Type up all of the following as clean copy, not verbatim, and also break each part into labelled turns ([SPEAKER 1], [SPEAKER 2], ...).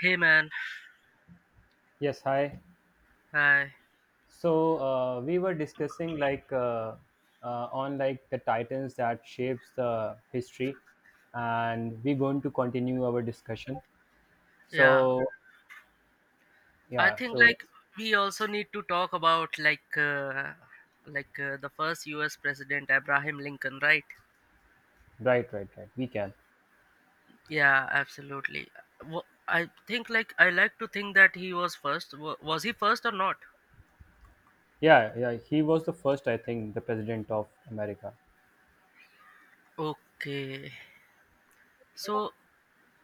[SPEAKER 1] Hey man,
[SPEAKER 2] Yes, hi.
[SPEAKER 1] hi.
[SPEAKER 2] So we were discussing like on like the titans that shapes the history, and we're going to continue our discussion.
[SPEAKER 1] Yeah,
[SPEAKER 2] So
[SPEAKER 1] I
[SPEAKER 2] yeah,
[SPEAKER 1] think
[SPEAKER 2] so
[SPEAKER 1] like we also need to talk about the first U.S. president Abraham Lincoln, right?
[SPEAKER 2] right, right, right. We can.
[SPEAKER 1] Yeah, absolutely. I think like I like to think that he was first. Was he first or not?
[SPEAKER 2] Yeah, yeah. He was the first, I think, the president of America.
[SPEAKER 1] Okay. So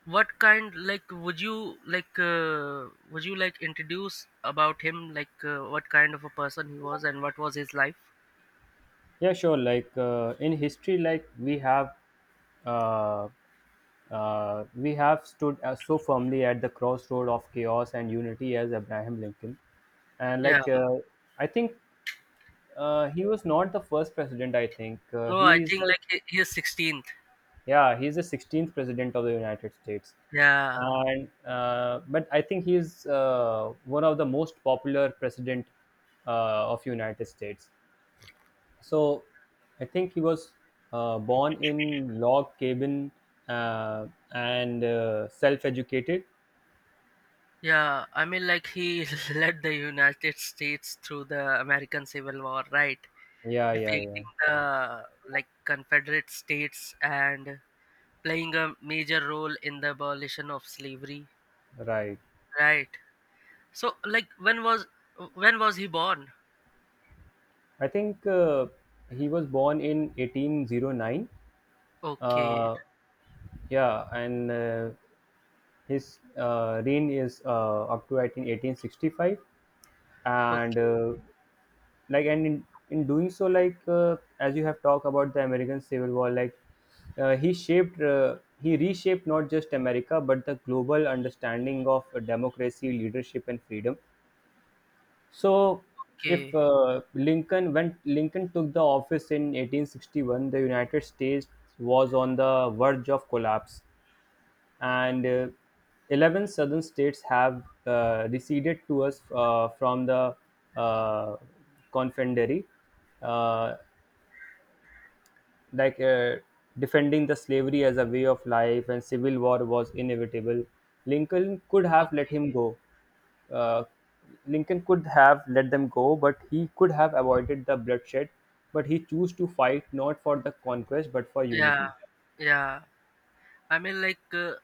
[SPEAKER 1] what kind like would you like introduce about him, what kind of a person he was and what was his life?
[SPEAKER 2] Yeah, sure. Like in history, like uh, we have stood so firmly at the crossroad of chaos and unity as Abraham Lincoln. And
[SPEAKER 1] Yeah.
[SPEAKER 2] like I think he was not the first president. I think
[SPEAKER 1] No, I
[SPEAKER 2] he is
[SPEAKER 1] think
[SPEAKER 2] the
[SPEAKER 1] like he is 16th.
[SPEAKER 2] yeah, he is the 16th president of the United States.
[SPEAKER 1] Yeah.
[SPEAKER 2] And but I think he is one of the most popular president of United States. So I think he was born in log cabin, uh, and self-educated.
[SPEAKER 1] Yeah, I mean, like he led the United States through the American Civil War, right?
[SPEAKER 2] Yeah, yeah, yeah.
[SPEAKER 1] Defeating the, like, Confederate States and playing a major role in the abolition of slavery,
[SPEAKER 2] Right.
[SPEAKER 1] right? So, like, when was he born?
[SPEAKER 2] I think he was born in 1809.
[SPEAKER 1] Okay,
[SPEAKER 2] Uh, yeah, and his reign is up to I think 1865, and
[SPEAKER 1] okay,
[SPEAKER 2] like and in doing so, like as you have talked about the American Civil War, like he reshaped not just America but the global understanding of democracy, leadership, and freedom. So, if
[SPEAKER 1] okay,
[SPEAKER 2] Lincoln when Lincoln took the office in 1861, the United States was on the verge of collapse, and 11 southern states have receded to us from the uh, Confederacy. Uh, like defending the slavery as a way of life, and civil war was inevitable. Lincoln could have let him
[SPEAKER 1] okay.
[SPEAKER 2] go, uh, Lincoln could have let them go, but he could have avoided the bloodshed. But he chose to fight not for the conquest but for
[SPEAKER 1] Yeah,
[SPEAKER 2] unity.
[SPEAKER 1] yeah. I mean,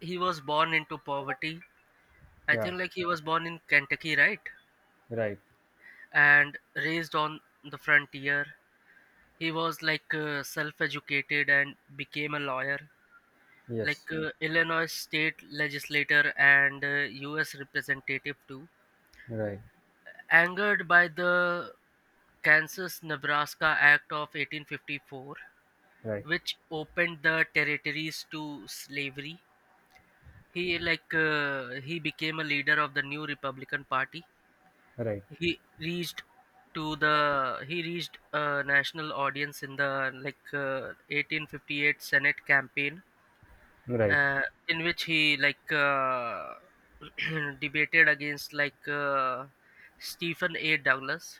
[SPEAKER 1] he was born into poverty. I
[SPEAKER 2] Yeah,
[SPEAKER 1] think like he was born in Kentucky, right?
[SPEAKER 2] right,
[SPEAKER 1] And raised on the frontier. He was, self educated and became a lawyer,
[SPEAKER 2] yes,
[SPEAKER 1] Illinois state legislator and, US representative too.
[SPEAKER 2] right,
[SPEAKER 1] Angered by the Kansas Nebraska Act of 1854,
[SPEAKER 2] right,
[SPEAKER 1] which opened the territories to slavery. He became a leader of the new Republican Party.
[SPEAKER 2] right,
[SPEAKER 1] He reached to the he reached a national audience in the, 1858 senate campaign,
[SPEAKER 2] right,
[SPEAKER 1] uh, in which he, debated against, Stephen A. Douglas.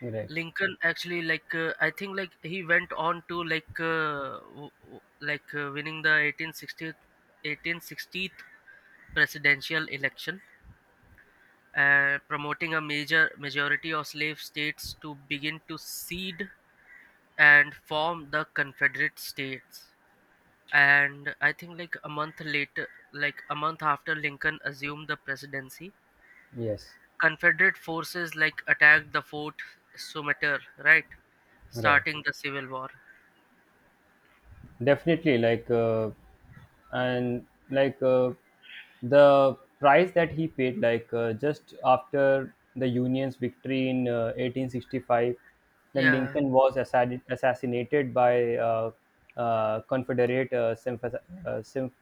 [SPEAKER 2] right,
[SPEAKER 1] Lincoln actually, I think like he went on to, winning the 1860th presidential election, promoting a major majority of slave states to begin to cede and form the Confederate States. And I think like a month later, like a month after Lincoln assumed the presidency,
[SPEAKER 2] yes,
[SPEAKER 1] Confederate forces like attacked the Fort Sumter, right?
[SPEAKER 2] right.
[SPEAKER 1] Starting the Civil War.
[SPEAKER 2] Definitely, like, and like the price that he paid, like just after the Union's victory in 1865, then
[SPEAKER 1] Yeah,
[SPEAKER 2] Lincoln was assassinated by Confederate symph-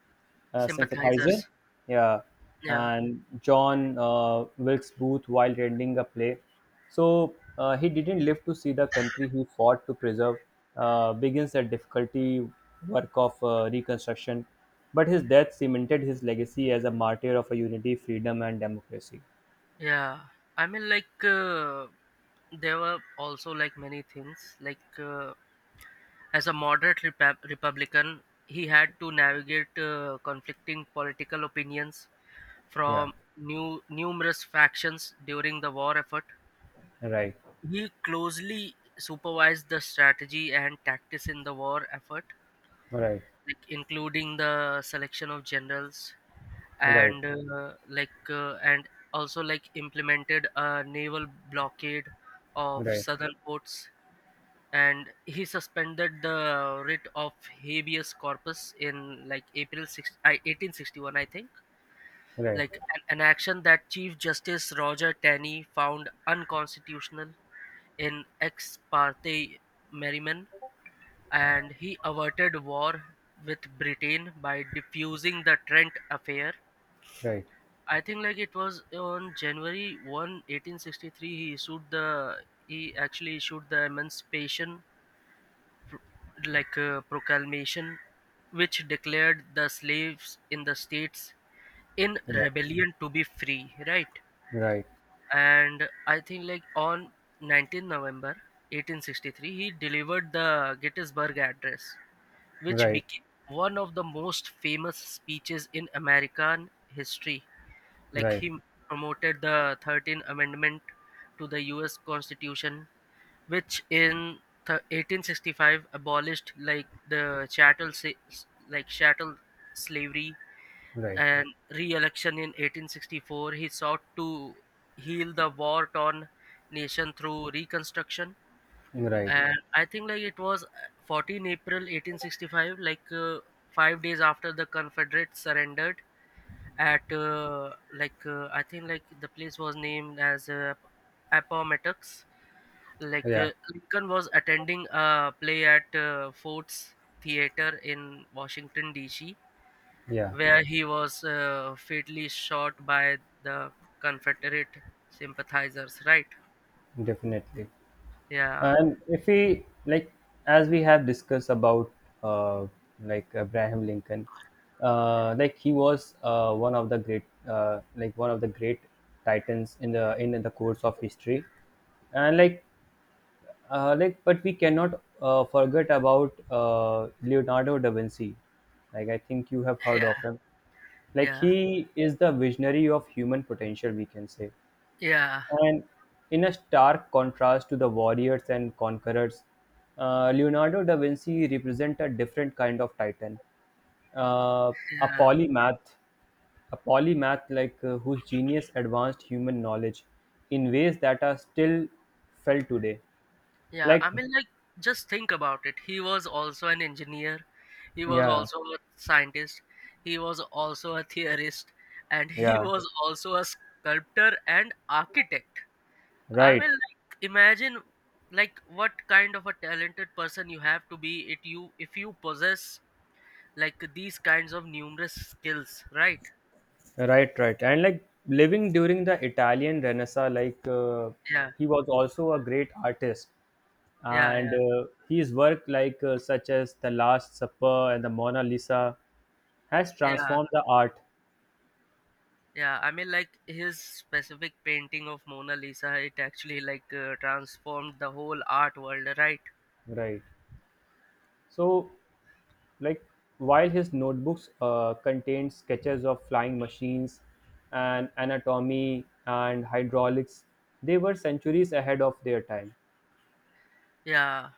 [SPEAKER 2] sympathizer.
[SPEAKER 1] sympathizers.
[SPEAKER 2] Yeah,
[SPEAKER 1] Yeah,
[SPEAKER 2] and John Wilkes Booth while rendering a play. So he didn't live to see the country he fought to preserve. Begins the difficulty work of reconstruction, but his death cemented his legacy as a martyr of a unity, freedom, and democracy.
[SPEAKER 1] yeah. I mean, there were also like many things, as a moderate Republican, he had to navigate, conflicting political opinions
[SPEAKER 2] Yeah,
[SPEAKER 1] from new numerous factions during the war effort.
[SPEAKER 2] right,
[SPEAKER 1] He closely supervised the strategy and tactics in the war effort,
[SPEAKER 2] right,
[SPEAKER 1] like including the selection of generals,
[SPEAKER 2] right, right,
[SPEAKER 1] and also like implemented a naval blockade of
[SPEAKER 2] right,
[SPEAKER 1] southern ports, and he suspended the writ of habeas corpus in, like, April 6, 1861, I think.
[SPEAKER 2] right.
[SPEAKER 1] Like an action that Chief Justice Roger Taney found unconstitutional in Ex parte Merriman. And he averted war with Britain by diffusing the Trent Affair. I think like it was on January 1, 1863, he actually issued the Emancipation, like, a Proclamation, which declared the slaves in the states in
[SPEAKER 2] Yeah,
[SPEAKER 1] rebellion to be free, right?
[SPEAKER 2] right,
[SPEAKER 1] And I think like on 19 November 1863, he delivered the Gettysburg Address, which
[SPEAKER 2] right,
[SPEAKER 1] became one of the most famous speeches in American history. Like,
[SPEAKER 2] right,
[SPEAKER 1] he promoted the 13th Amendment to the US Constitution, which in 1865 abolished, like, the chattel, chattel slavery.
[SPEAKER 2] right,
[SPEAKER 1] And re-election in 1864, he sought to heal the war torn nation through reconstruction.
[SPEAKER 2] right.
[SPEAKER 1] And I think like it was, 14 April 1865, 5 days after the Confederates surrendered at, I think like the place was named as, Appomattox.
[SPEAKER 2] Yeah,
[SPEAKER 1] Lincoln was attending a play at, Ford's Theater in Washington D.C.,
[SPEAKER 2] yeah,
[SPEAKER 1] where he was, fatally shot by the Confederate sympathizers. Right?
[SPEAKER 2] definitely.
[SPEAKER 1] Yeah.
[SPEAKER 2] And if we like, as we have discussed about uh, like Abraham Lincoln, like he was one of the great, like one of the great titans in the course of history. And like, but we cannot forget about Leonardo da Vinci. Like I think you have heard of
[SPEAKER 1] Yeah.
[SPEAKER 2] him. Like
[SPEAKER 1] Yeah.
[SPEAKER 2] he is the visionary of human potential, we can say.
[SPEAKER 1] Yeah.
[SPEAKER 2] And in a stark contrast to the warriors and conquerors, Leonardo da Vinci represents a different kind of titan, uh, a
[SPEAKER 1] Yeah.
[SPEAKER 2] polymath, a polymath like whose genius advanced human knowledge in ways that are still felt today.
[SPEAKER 1] Yeah. I
[SPEAKER 2] Like,
[SPEAKER 1] mean, like, just think about it. He was also an engineer. He was
[SPEAKER 2] yeah,
[SPEAKER 1] also a scientist. He was also a theorist, and he
[SPEAKER 2] yeah,
[SPEAKER 1] was also a sculptor and architect. I
[SPEAKER 2] right.
[SPEAKER 1] will, like, imagine, like, what kind of a talented person you have to be, it you if you possess, like, these kinds of numerous skills, right?
[SPEAKER 2] Right, right. And like living during the Italian Renaissance, like
[SPEAKER 1] Yeah,
[SPEAKER 2] he was also a great artist.
[SPEAKER 1] yeah,
[SPEAKER 2] And
[SPEAKER 1] yeah,
[SPEAKER 2] his work, like such as The Last Supper and the Mona Lisa, has
[SPEAKER 1] yeah.
[SPEAKER 2] transformed the art.
[SPEAKER 1] Yeah, I mean, like his specific painting of Mona Lisa, it actually, transformed the whole art world, right?
[SPEAKER 2] Right. So, like, while his notebooks contain sketches of flying machines and anatomy and hydraulics, they were centuries ahead of their time.
[SPEAKER 1] Yeah,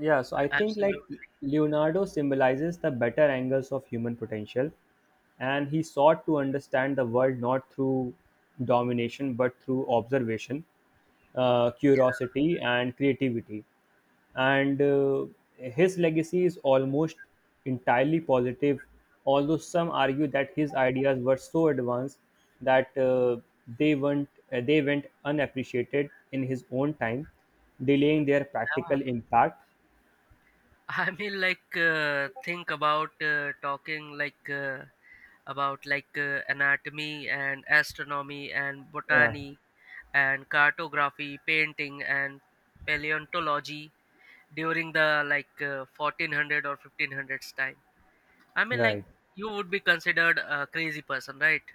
[SPEAKER 2] Yeah, so I think like
[SPEAKER 1] absolutely.
[SPEAKER 2] Leonardo symbolizes the better angles of human potential, and he sought to understand the world not through domination but through observation, curiosity, and creativity. And his legacy is almost entirely positive, although some argue that his ideas were so advanced that they went they went unappreciated in his own time, delaying their
[SPEAKER 1] Yeah.
[SPEAKER 2] practical impact.
[SPEAKER 1] I mean, think about, talking, about, anatomy and astronomy and
[SPEAKER 2] Yeah,
[SPEAKER 1] botany and cartography, painting and paleontology during the, 1400 or 1500s time. I mean, like,
[SPEAKER 2] right,
[SPEAKER 1] you would be considered a crazy person, right?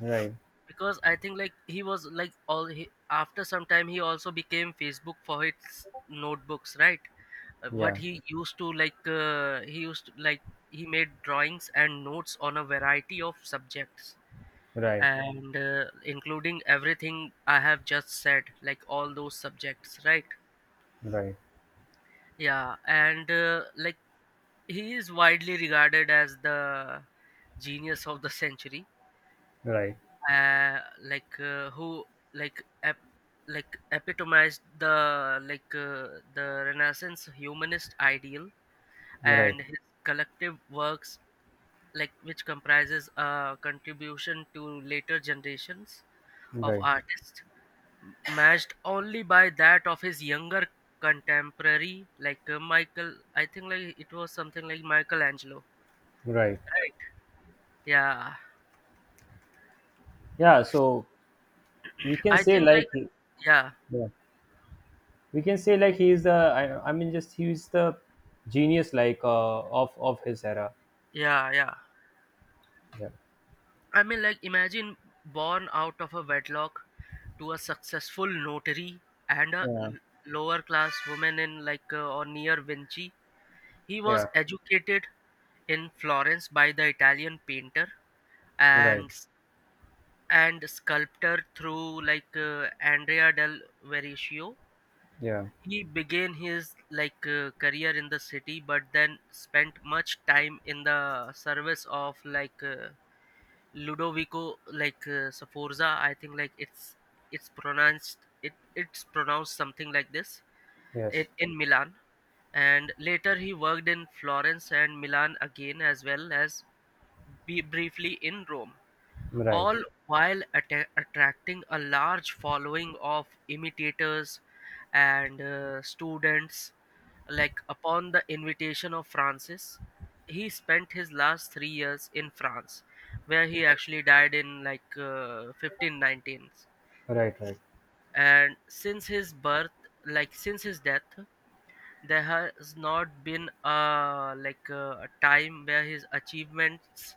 [SPEAKER 2] right,
[SPEAKER 1] Because I think like, he was like all he, after some time he also became Facebook for his notebooks, right? What
[SPEAKER 2] yeah,
[SPEAKER 1] he used to like, He made drawings and notes on a variety of subjects,
[SPEAKER 2] right,
[SPEAKER 1] and, including everything I have just said, like all those subjects, right?
[SPEAKER 2] right,
[SPEAKER 1] Yeah, and, like he is widely regarded as the genius of the century,
[SPEAKER 2] right,
[SPEAKER 1] who, like ep- epitomized the Renaissance humanist ideal,
[SPEAKER 2] right,
[SPEAKER 1] and his collective works, like, which comprises a contribution to later generations of
[SPEAKER 2] right,
[SPEAKER 1] artists, matched only by that of his younger contemporary, Michael, I think like it was something like Michelangelo,
[SPEAKER 2] right.
[SPEAKER 1] right? Yeah.
[SPEAKER 2] Yeah, so we can
[SPEAKER 1] I
[SPEAKER 2] say
[SPEAKER 1] think,
[SPEAKER 2] like,
[SPEAKER 1] like. Yeah.
[SPEAKER 2] yeah, we can say like he is the, I mean, just he is the genius like of his era.
[SPEAKER 1] Yeah. Yeah.
[SPEAKER 2] Yeah,
[SPEAKER 1] I mean, like, imagine, born out of a wedlock to a successful notary and a
[SPEAKER 2] yeah,
[SPEAKER 1] lower class woman in, or near Vinci. He
[SPEAKER 2] yeah,
[SPEAKER 1] was educated in Florence by the Italian painter
[SPEAKER 2] right,
[SPEAKER 1] and sculptor through, Andrea del Verrocchio.
[SPEAKER 2] yeah,
[SPEAKER 1] He began his, career in the city, but then spent much time in the service of, Ludovico, Sforza. I think like it's pronounced it's pronounced something like this, in,
[SPEAKER 2] yes,
[SPEAKER 1] in Milan, and later he worked in Florence and Milan again, as well as be briefly in Rome,
[SPEAKER 2] right,
[SPEAKER 1] all while attracting a large following of imitators and, students. Like, upon the invitation of Francis, he spent his last 3 years in France, where he actually died in, 1519.
[SPEAKER 2] right, right,
[SPEAKER 1] And since his birth, like since his death, there has not been a time where his achievements,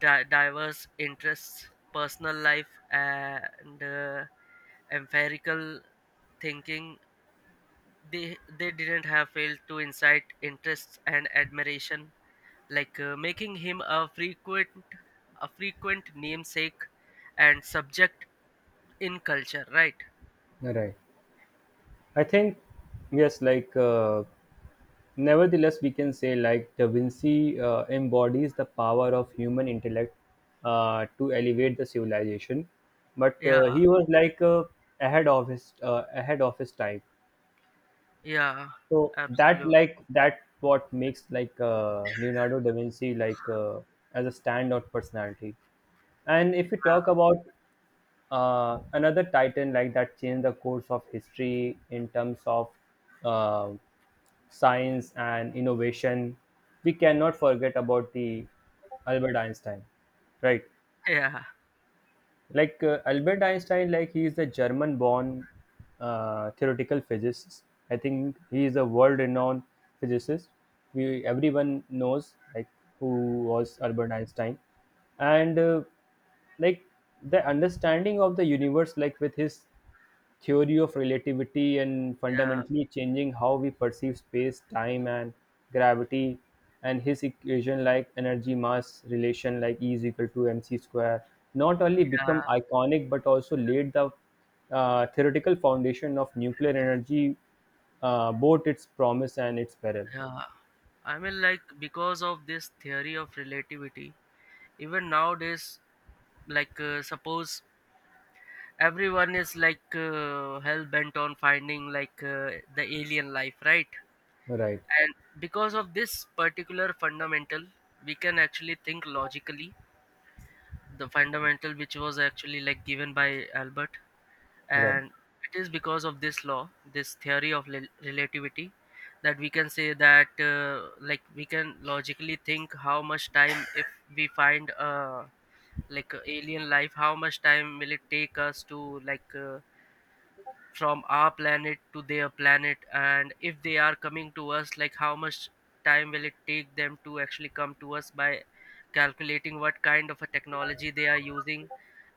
[SPEAKER 1] diverse interests, personal life, and, empirical thinking, they didn't have failed to incite interests and admiration, making him a frequent namesake and subject in culture, right?
[SPEAKER 2] right. I think yes, like nevertheless, we can say like Da Vinci embodies the power of human intellect to elevate the civilization. But
[SPEAKER 1] Yeah.
[SPEAKER 2] he was like ahead of his time.
[SPEAKER 1] Yeah.
[SPEAKER 2] So that
[SPEAKER 1] Absolute.
[SPEAKER 2] like that what makes like Leonardo da Vinci like as a standout personality. And if we talk about another titan like that changed the course of history in terms of uh, science and innovation, we cannot forget about the Albert Einstein, right?
[SPEAKER 1] Yeah.
[SPEAKER 2] Like Albert Einstein, like he is a German born theoretical physicist. I think he is a world renowned physicist. We everyone knows like who was Albert Einstein. And like the understanding of the universe, like with his theory of relativity and
[SPEAKER 1] Yeah.
[SPEAKER 2] fundamentally changing how we perceive space, time, and gravity, and his equation like energy mass relation, like E is equal to mc square, not only
[SPEAKER 1] Yeah.
[SPEAKER 2] become iconic but also laid the theoretical foundation of nuclear energy, both its promise and its peril.
[SPEAKER 1] Yeah, I mean, like, because of this theory of relativity, even nowadays, suppose everyone is, hell bent on finding, the alien life, right?
[SPEAKER 2] Right,
[SPEAKER 1] And because of this particular fundamental, we can actually think logically, the fundamental which was actually, like, given by Albert.
[SPEAKER 2] right,
[SPEAKER 1] And it is because of this law, this theory of relativity, that we can say that, like, we can logically think how much time, if we find, alien life, how much time will it take us to, from our planet to their planet. And if they are coming to us, like, how much time will it take them to actually come to us, by calculating what kind of a technology they are using.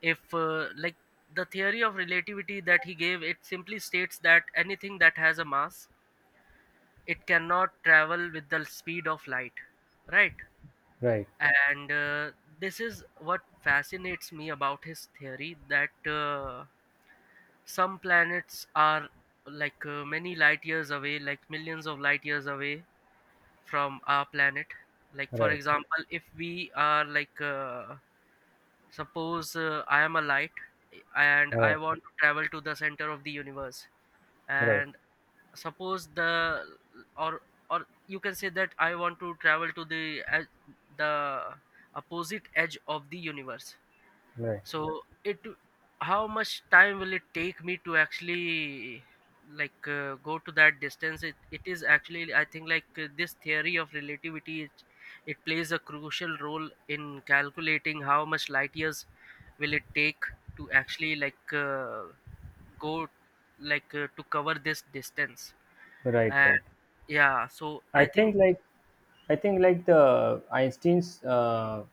[SPEAKER 1] If, like, the theory of relativity that he gave, it simply states that anything that has a mass, it cannot travel with the speed of light, right?
[SPEAKER 2] right,
[SPEAKER 1] And, this is what fascinates me about his theory, that, some planets are, many light years away, like millions of light years away from our planet. Like, for
[SPEAKER 2] right,
[SPEAKER 1] example, if we are, suppose, I am a light, and
[SPEAKER 2] yeah,
[SPEAKER 1] I want to travel to the center of the universe.
[SPEAKER 2] right,
[SPEAKER 1] And suppose the or or you can say that I want to travel to the edge- the opposite edge of the universe.
[SPEAKER 2] right,
[SPEAKER 1] So, it how much time will it take me to actually, go to that distance? It is actually, I think, this theory of relativity, it plays a crucial role in calculating how much light years will it take to actually, go, to cover this distance.
[SPEAKER 2] right,
[SPEAKER 1] And
[SPEAKER 2] right.
[SPEAKER 1] yeah, so
[SPEAKER 2] I
[SPEAKER 1] I think.
[SPEAKER 2] think like I think like the Einstein's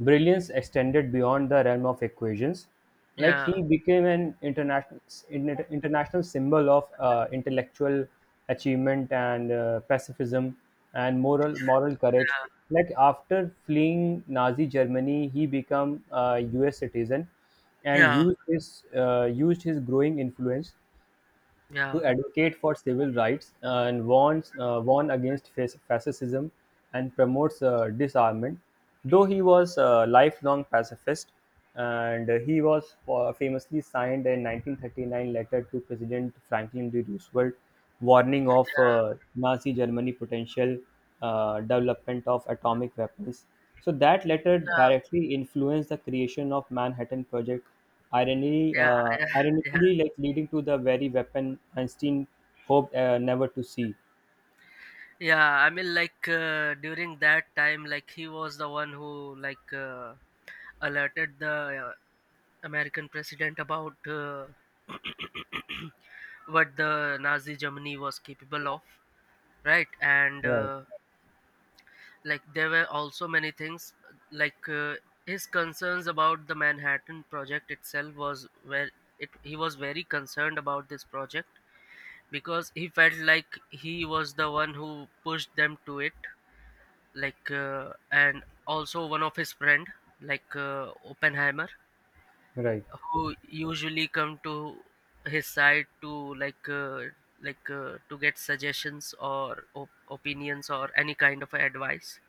[SPEAKER 2] brilliance extended beyond the realm of equations. Like
[SPEAKER 1] Yeah,
[SPEAKER 2] he became an international symbol of intellectual achievement and pacifism and moral courage.
[SPEAKER 1] yeah,
[SPEAKER 2] Like after fleeing Nazi Germany, he became a U.S. citizen and
[SPEAKER 1] yeah,
[SPEAKER 2] used his growing influence
[SPEAKER 1] yeah,
[SPEAKER 2] to advocate for civil rights, and warn against fascism and promotes disarmament. Though he was a lifelong pacifist, and he was famously signed a 1939 letter to President Franklin D. Roosevelt warning of
[SPEAKER 1] yeah,
[SPEAKER 2] Nazi Germany potential development of atomic weapons. So that letter
[SPEAKER 1] yeah,
[SPEAKER 2] directly influenced the creation of Manhattan Project. Ironically,
[SPEAKER 1] yeah,
[SPEAKER 2] uh,
[SPEAKER 1] yeah. Yeah.
[SPEAKER 2] ironically, like leading to the very weapon Einstein hoped never to see.
[SPEAKER 1] During that time, like, he was the one who, like, alerted the American president about what the Nazi Germany was capable of, right. and
[SPEAKER 2] Right,
[SPEAKER 1] uh, like, there were also many things, like, his concerns about the Manhattan Project itself was where it he was very concerned about this project, because he felt like he was the one who pushed them to it, and also one of his friend, Oppenheimer,
[SPEAKER 2] right,
[SPEAKER 1] who usually come to his side to, to get suggestions or opinions or any kind of advice.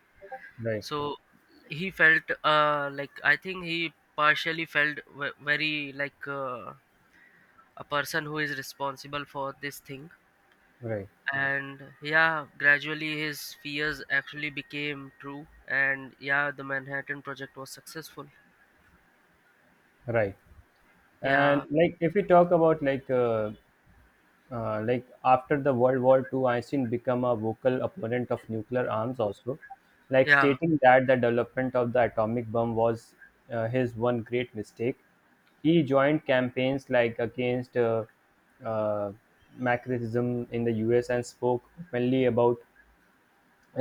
[SPEAKER 2] right,
[SPEAKER 1] So he felt, like, I think he partially felt very, like, a person who is responsible for this thing.
[SPEAKER 2] right,
[SPEAKER 1] And yeah, gradually his fears actually became true, and yeah, the Manhattan Project was successful.
[SPEAKER 2] right. And
[SPEAKER 1] Yeah,
[SPEAKER 2] like if we talk about like after the World War II, Einstein became a vocal opponent of nuclear arms also, like
[SPEAKER 1] yeah.
[SPEAKER 2] stating that the development of the atomic bomb was his one great mistake. He joined campaigns like against uh, McCarthyism in the US and spoke openly about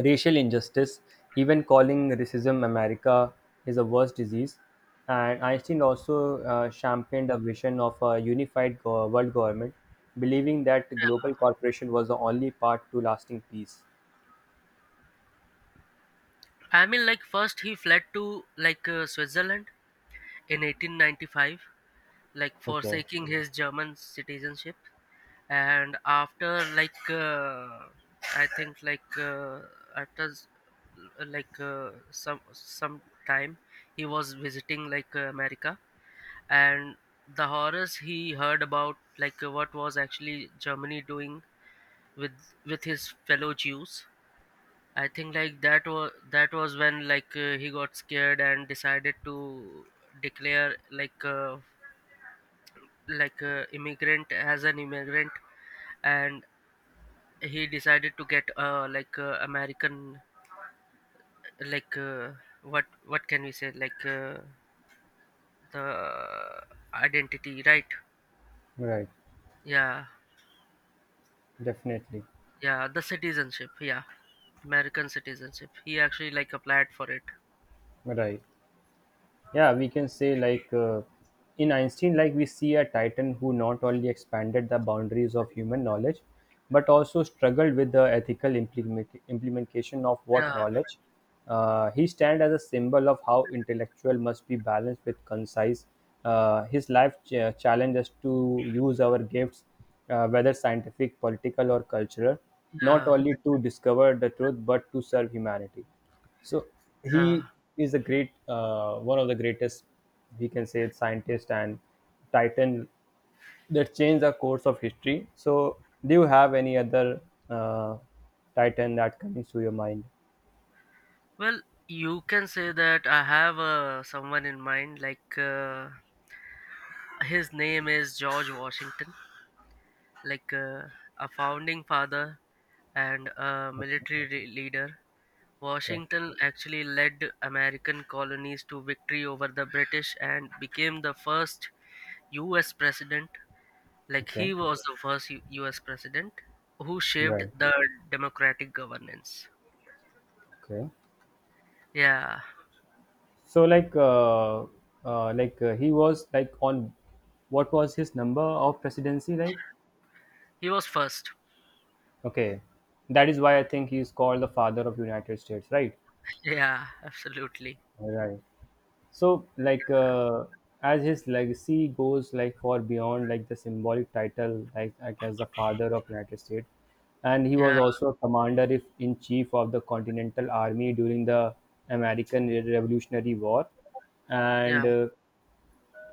[SPEAKER 2] racial injustice, even calling racism America is a worse disease. And Einstein also championed a vision of a unified world government, believing that global cooperation was the only path to lasting peace.
[SPEAKER 1] I mean, like, first he fled to, like, Switzerland in 1895, like,
[SPEAKER 2] Okay,
[SPEAKER 1] forsaking his German citizenship. And after, I think, after s- some time, he was visiting, like, America, and the horrors he heard about, like, what was actually Germany doing with his fellow Jews, I think, like, that was when, he got scared and decided to declare, immigrant, as an immigrant. And he decided to get, like, American, like uh, what can we say, like, the identity, right.
[SPEAKER 2] right,
[SPEAKER 1] Yeah.
[SPEAKER 2] definitely,
[SPEAKER 1] Yeah, the citizenship. Yeah, American citizenship. He actually like applied for it.
[SPEAKER 2] right. Yeah, we can say like in Einstein, like we see a titan who not only expanded the boundaries of human knowledge but also struggled with the ethical implementation of what
[SPEAKER 1] Yeah,
[SPEAKER 2] knowledge. He stands as a symbol of how intellectual must be balanced with concise. His life challenge us to use our gifts, whether scientific political or cultural, not
[SPEAKER 1] yeah,
[SPEAKER 2] only to discover the truth but to serve humanity. So he
[SPEAKER 1] yeah.
[SPEAKER 2] is a great, one of the greatest, we can say, scientist and titan that changed the course of history. So do you have any other uh, titan that comes to your mind?
[SPEAKER 1] Well, you can say that I have someone in mind. His name is George Washington, like uh, a founding father and a
[SPEAKER 2] Okay,
[SPEAKER 1] military leader.
[SPEAKER 2] okay,
[SPEAKER 1] Washington actually led American colonies to victory over the British and became the first U.S. president. Like he
[SPEAKER 2] okay,
[SPEAKER 1] was the first U.S. president who shaped
[SPEAKER 2] right,
[SPEAKER 1] the democratic governance.
[SPEAKER 2] okay.
[SPEAKER 1] Yeah,
[SPEAKER 2] So like he was like on, what was his number of presidency like?
[SPEAKER 1] he was first.
[SPEAKER 2] Okay, that is why I think he is called the father of United States, right?
[SPEAKER 1] Yeah, absolutely.
[SPEAKER 2] Right. So, like, as his legacy goes, like, far beyond, like, the symbolic title, like as the father of United States, and he was
[SPEAKER 1] Yeah,
[SPEAKER 2] also a commander if, in chief of the Continental Army during the American Revolutionary War,
[SPEAKER 1] yeah,
[SPEAKER 2] and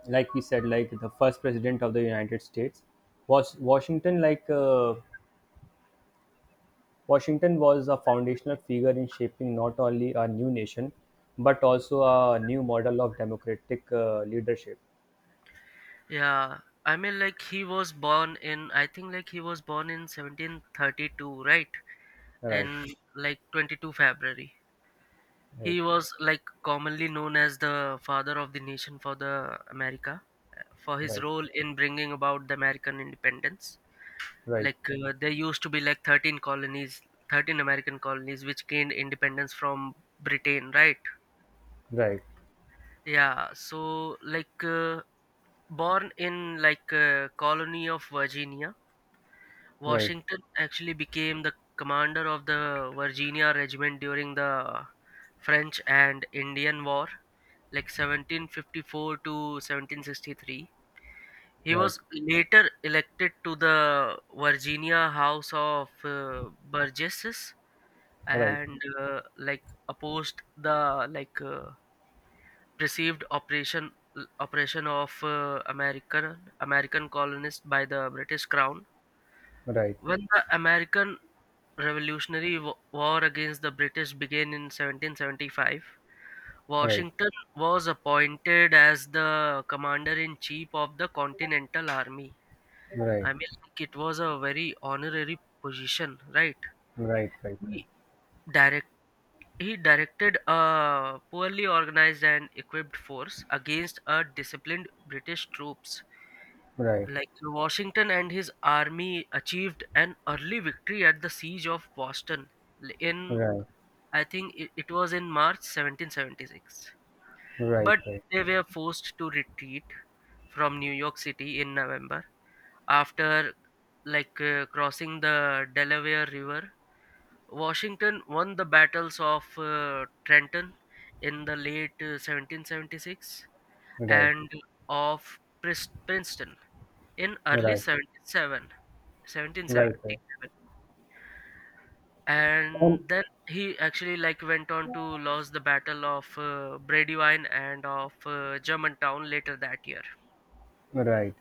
[SPEAKER 2] like we said, like the first president of the United States was Washington. Like, Washington was a foundational figure in shaping not only a new nation but also a new model of democratic leadership.
[SPEAKER 1] yeah. I mean, like, he was born in. I think like he was born in 1732, right?
[SPEAKER 2] Right,
[SPEAKER 1] And like 22 February. He
[SPEAKER 2] right,
[SPEAKER 1] was like commonly known as the father of the nation for the America, for his
[SPEAKER 2] right,
[SPEAKER 1] role in bringing about the American independence.
[SPEAKER 2] right,
[SPEAKER 1] There used to be like 13 colonies, 13 American colonies which gained independence from Britain, right?
[SPEAKER 2] right,
[SPEAKER 1] Yeah, so, born in like a colony of Virginia,
[SPEAKER 2] right,
[SPEAKER 1] Washington actually became the commander of the Virginia regiment during the French and Indian War, like 1754 to 1763. He
[SPEAKER 2] right,
[SPEAKER 1] was later elected to the Virginia House of Burgesses,
[SPEAKER 2] right,
[SPEAKER 1] and like opposed the, perceived operation of American colonists by the British Crown.
[SPEAKER 2] right, right,
[SPEAKER 1] When the American Revolutionary War against the British began in 1775,
[SPEAKER 2] right,
[SPEAKER 1] Washington was appointed as the commander in chief of the Continental Army.
[SPEAKER 2] right,
[SPEAKER 1] I mean, like, it was a very honorary position, right?
[SPEAKER 2] right, right, right, right, right, right, right,
[SPEAKER 1] He directed He directed a poorly organized and equipped force against a disciplined British troops. Like Washington and his army achieved an early victory at the siege of Boston in, I think it it was in March 1776. But they were forced to retreat from New York City in November, after, crossing the Delaware River. Washington won the battles of Trenton in the late 1776, and of Princeton in early 77 1777.
[SPEAKER 2] right, right, right,
[SPEAKER 1] And then he actually like went on to lose the battle of Brandywine and of Germantown later that year.
[SPEAKER 2] right, right.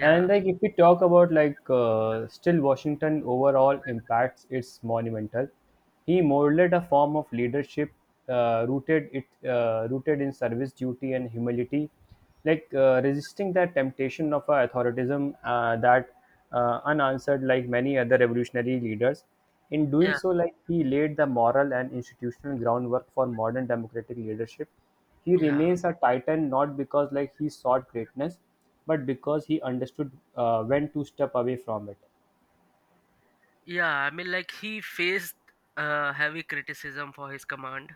[SPEAKER 2] And like if we talk about like still Washington overall impacts, it's monumental. He molded a form of leadership, rooted in service duty and humility, like resisting that temptation of a authoritarianism that unanswered like many other revolutionary leaders. In doing
[SPEAKER 1] Yeah,
[SPEAKER 2] so, like he laid the moral and institutional groundwork for modern democratic leadership. He
[SPEAKER 1] yeah,
[SPEAKER 2] remains a titan not because like he sought greatness, but because he understood when to step away from it.
[SPEAKER 1] yeah. I mean, like, he faced heavy criticism for his command,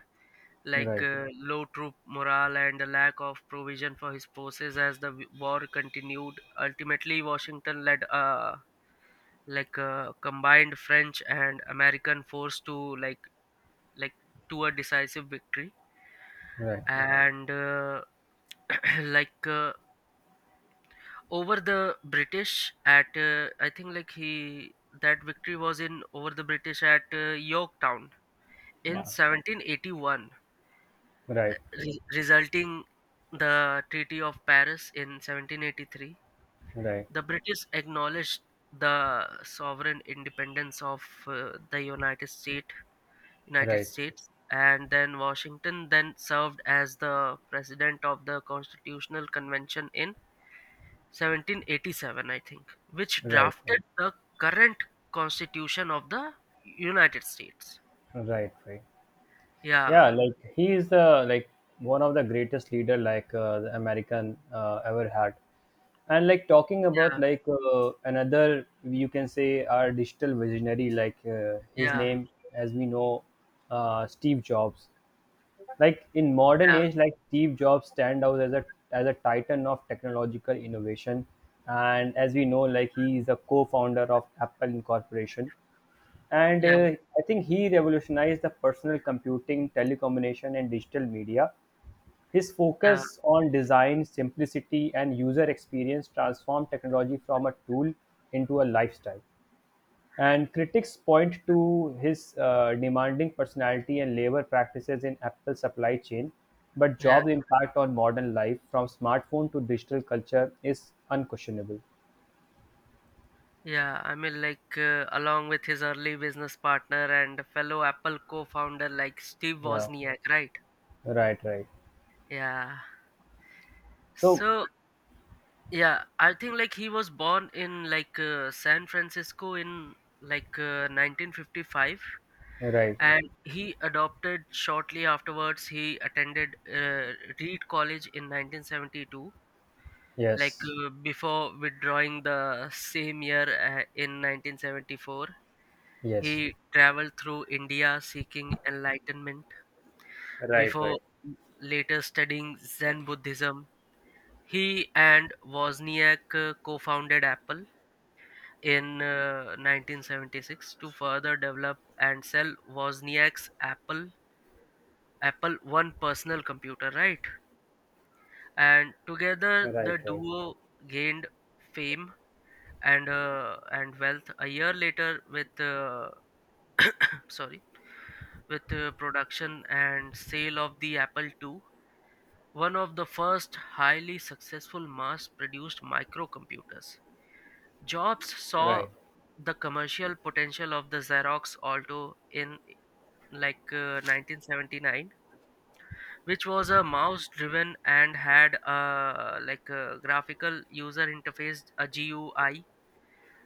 [SPEAKER 2] Right,
[SPEAKER 1] low troop morale and the lack of provision for his forces as the war continued. Ultimately, Washington led, like, a combined French and American force to, like, to a decisive victory.
[SPEAKER 2] right,
[SPEAKER 1] And like uh, over the British at, I think, like he that victory was in over the British at Yorktown in
[SPEAKER 2] yeah,
[SPEAKER 1] 1781,
[SPEAKER 2] right,
[SPEAKER 1] resulting the Treaty of Paris in 1783.
[SPEAKER 2] right,
[SPEAKER 1] The British acknowledged the sovereign independence of uh, the United States. united
[SPEAKER 2] right,
[SPEAKER 1] states And then Washington then served as the president of the Constitutional Convention in 1787, I think, which
[SPEAKER 2] right,
[SPEAKER 1] drafted the current constitution of the United States.
[SPEAKER 2] right, right.
[SPEAKER 1] Yeah,
[SPEAKER 2] Yeah, like he is the like one of the greatest leader like the American ever had. And like talking about
[SPEAKER 1] yeah,
[SPEAKER 2] like another, you can say our digital visionary, like his
[SPEAKER 1] yeah,
[SPEAKER 2] name as we know, Steve Jobs. Like in modern
[SPEAKER 1] yeah,
[SPEAKER 2] age, like Steve Jobs stand out as a titan of technological innovation. And as we know, like he is a co-founder of Apple Incorporation. And
[SPEAKER 1] yeah,
[SPEAKER 2] I think he revolutionized the personal computing, telecommunication, and digital media. His
[SPEAKER 1] yeah,
[SPEAKER 2] focus on design simplicity and user experience transformed technology from a tool into a lifestyle. And critics point to his demanding personality and labor practices in Apple's supply chain, but
[SPEAKER 1] yeah.
[SPEAKER 2] Jobs' impact on modern life, from smartphone to digital culture, is unquestionable.
[SPEAKER 1] Yeah, I mean, like, along with his early business partner and fellow Apple co founder, like Steve
[SPEAKER 2] Yeah,
[SPEAKER 1] Wozniak, right?
[SPEAKER 2] right, right.
[SPEAKER 1] Yeah.
[SPEAKER 2] So,
[SPEAKER 1] So, yeah, I think, like, he was born in, like, San Francisco in, like, 1955,
[SPEAKER 2] right,
[SPEAKER 1] and he adopted shortly afterwards. He attended Reed College in 1972, like,
[SPEAKER 2] yes,
[SPEAKER 1] before withdrawing the same year in 1974.
[SPEAKER 2] yes,
[SPEAKER 1] He traveled through India seeking enlightenment
[SPEAKER 2] right, right,
[SPEAKER 1] before later studying Zen Buddhism. He and Wozniak co-founded Apple in 1976 to further develop and sell Wozniak's Apple One personal computer, right? And together
[SPEAKER 2] right,
[SPEAKER 1] the
[SPEAKER 2] right,
[SPEAKER 1] duo gained fame and wealth a year later, with, sorry, with production and sale of the Apple II, one of the first highly successful mass-produced microcomputers. Jobs saw
[SPEAKER 2] right,
[SPEAKER 1] the commercial potential of the Xerox Alto in, 1979, which was a mouse-driven and had a like a graphical user interface, a GUI.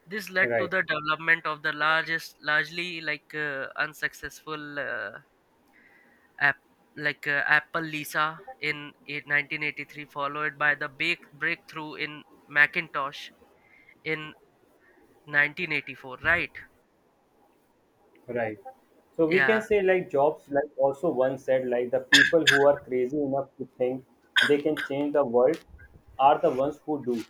[SPEAKER 1] This led to
[SPEAKER 2] right.
[SPEAKER 1] the development of the largely, unsuccessful, App, Apple Lisa in 1983, followed by the big breakthrough in Macintosh in 1984, right?
[SPEAKER 2] Right. So we can
[SPEAKER 1] Yeah,
[SPEAKER 2] say like Jobs like also once said like the people who are crazy enough to think they can change the world are the ones who do.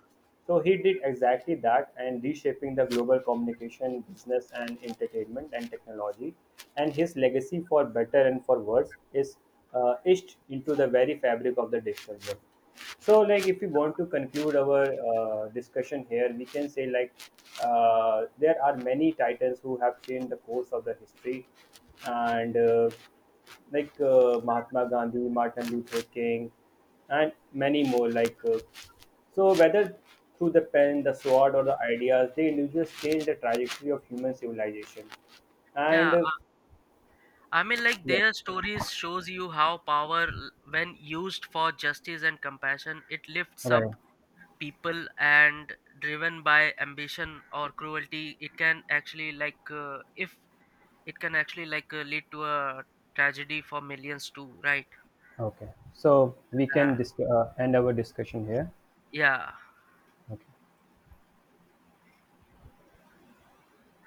[SPEAKER 2] So he did exactly that and reshaping the global communication, business and entertainment and technology. And his legacy for better and for worse is etched into the very fabric of the digital world. So like if we want to conclude our discussion here, we can say like there are many titans who have changed the course of the history, and like Mahatma Gandhi, Martin Luther King, and many more, like so whether through the pen, the sword, or the ideas, they individuals change the trajectory of human civilization, and
[SPEAKER 1] yeah. I mean, like,
[SPEAKER 2] yeah.
[SPEAKER 1] their stories shows you how power, when used for justice and compassion, it lifts
[SPEAKER 2] Right.
[SPEAKER 1] up people, and driven by ambition or cruelty, it can actually like, if it can actually, like, lead to a tragedy for millions too, right?
[SPEAKER 2] Okay. So we can
[SPEAKER 1] Uh,
[SPEAKER 2] end our discussion here.
[SPEAKER 1] yeah.
[SPEAKER 2] Okay.